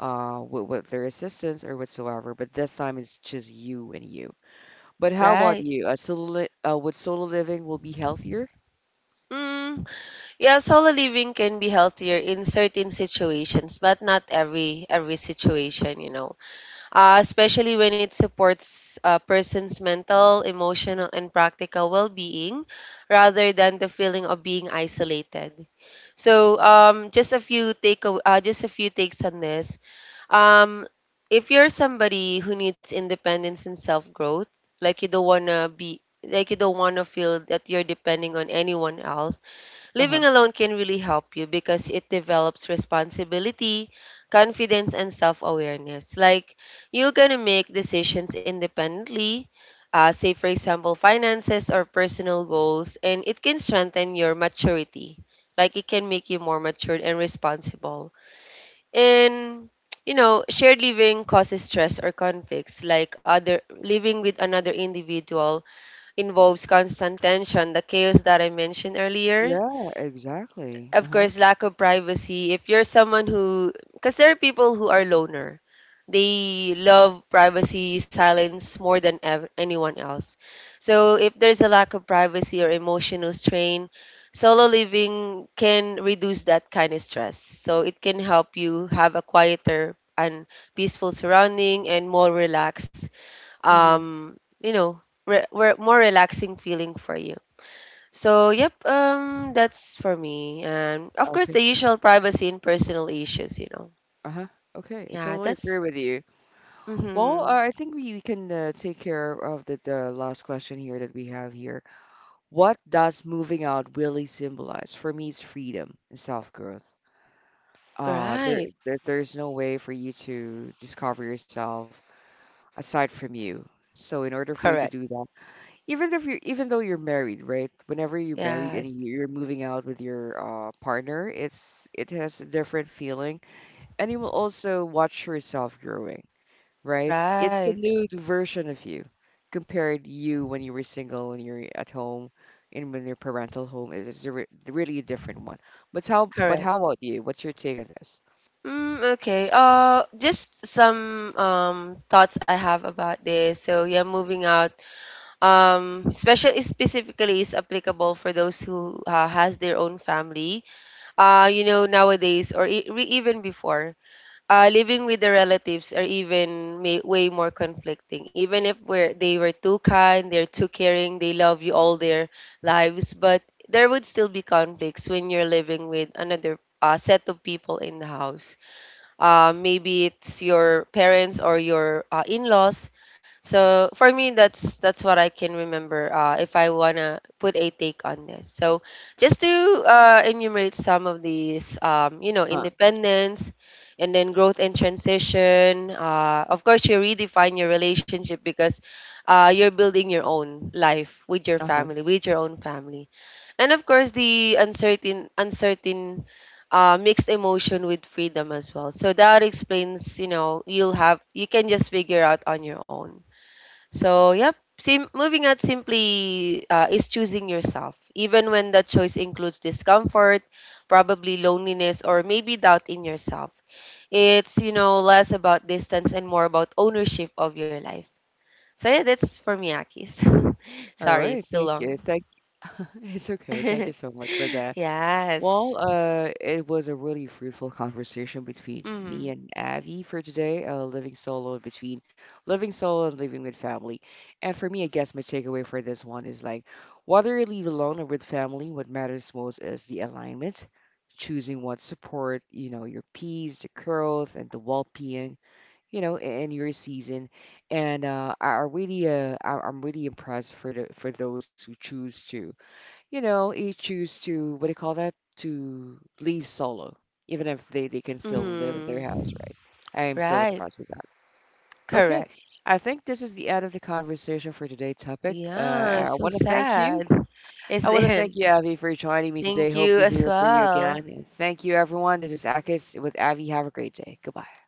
with their assistance or whatsoever. But this time it's just you and you. But how about
Right.
you? Solo li would solo living will be healthier?
Mm. Yeah, solo living can be healthier in certain situations, but not every situation, you know. Especially when it supports a person's mental, emotional, and practical well-being, rather than the feeling of being isolated. So, just a few take just a few takes on this. Um, if you're somebody who needs independence and self-growth, like you don't wanna be, like you don't wanna feel that you're depending on anyone else.
Uh-huh.
Living alone can really help you because it develops responsibility, confidence, and self awareness. Like, you're gonna make decisions independently, say, for example, finances or personal goals, and it can strengthen your maturity. Like, it can make you more matured and responsible. And you know, shared living causes stress or conflicts. Like other living with another individual involves constant tension, the chaos that I mentioned earlier,
Yeah, exactly.
of
Uh-huh.
course, lack of privacy. If you're someone who, because there are people who are loner, they love privacy, silence more than anyone else. So if there's a lack of privacy or emotional strain, solo living can reduce that kind of stress. So it can help you have a quieter and peaceful surrounding and more relaxed,
Hmm.
you know, more relaxing feeling for you. So, yep, that's for me. And of course,
Okay.
the usual privacy and personal issues, you know.
Uh-huh. Okay. I
Yeah,
totally
that's
agree with you. Well,
mm-hmm.
I think we can take care of the last question here that we have here. What does moving out really symbolize? For me, it's freedom and self-growth.
Right.
There's no way for you to discover yourself aside from you. So in order for you to
Correct.
do that, even if you're even though you're married, right? Whenever you're married and
Yes.
you're moving out with your partner, it's it has a different feeling, and you will also watch yourself growing, right? It's a
Right.
new version of you compared you when you were single and you're at home and when your parental home is a re really a different one. But
Correct.
how about you? What's your take on this?
Mm, okay. Just some thoughts I have about this. So yeah, moving out. Especially specifically is applicable for those who has their own family. You know nowadays or even before, living with the relatives are even may, way more conflicting. Even if we're, they were too kind, they're too caring, they love you all their lives, but there would still be conflicts when you're living with another set of people in the house. Maybe it's your parents or your in-laws. So for me that's what I can remember. If I want to put a take on this, so just to enumerate some of these, you know,
Uh,
independence, and then growth and transition. Of course you redefine your relationship because you're building your own life
uh-huh.
with your own family. And of course, the uncertain, mixed emotion with freedom as well. So that explains, you know, you'll have, you can just figure out on your own. So yep, moving out simply is choosing yourself, even when that choice includes discomfort, probably loneliness, or maybe doubt in yourself. It's, you know, less about distance and more about ownership of your life. So yeah, that's for me, Akis.
All
Sorry,
right,
it's too
thank you.
long.
Thank, it's okay. Thank you so much for that.
Yes.
Well, it was a really fruitful conversation between me
Mhm.
and Avi for today. Living solo and living with family. And for me, I guess my takeaway for this one is like, whether you leave alone or with family, what matters most is the alignment, choosing what support, you know, your peace, the growth, and the well-being, you know, in your season. And I really, I'm really impressed for the for those who choose to, you know, he choose to what do you call that? To leave solo, even if they can still live in their house,
Mhm.
right? I am still
Right.
impressed with that. Okay,
Correct.
I think this is the end of the conversation for today's topic.
Yeah,
I
so
want to thank you.
sad.
I
Is
want to thank
it?
you, Avi, for joining me today.
Thank
Hope
you
to
as
hear from you again.
well.
And thank you, everyone. This is Akis with Avi. Have a great day. Goodbye.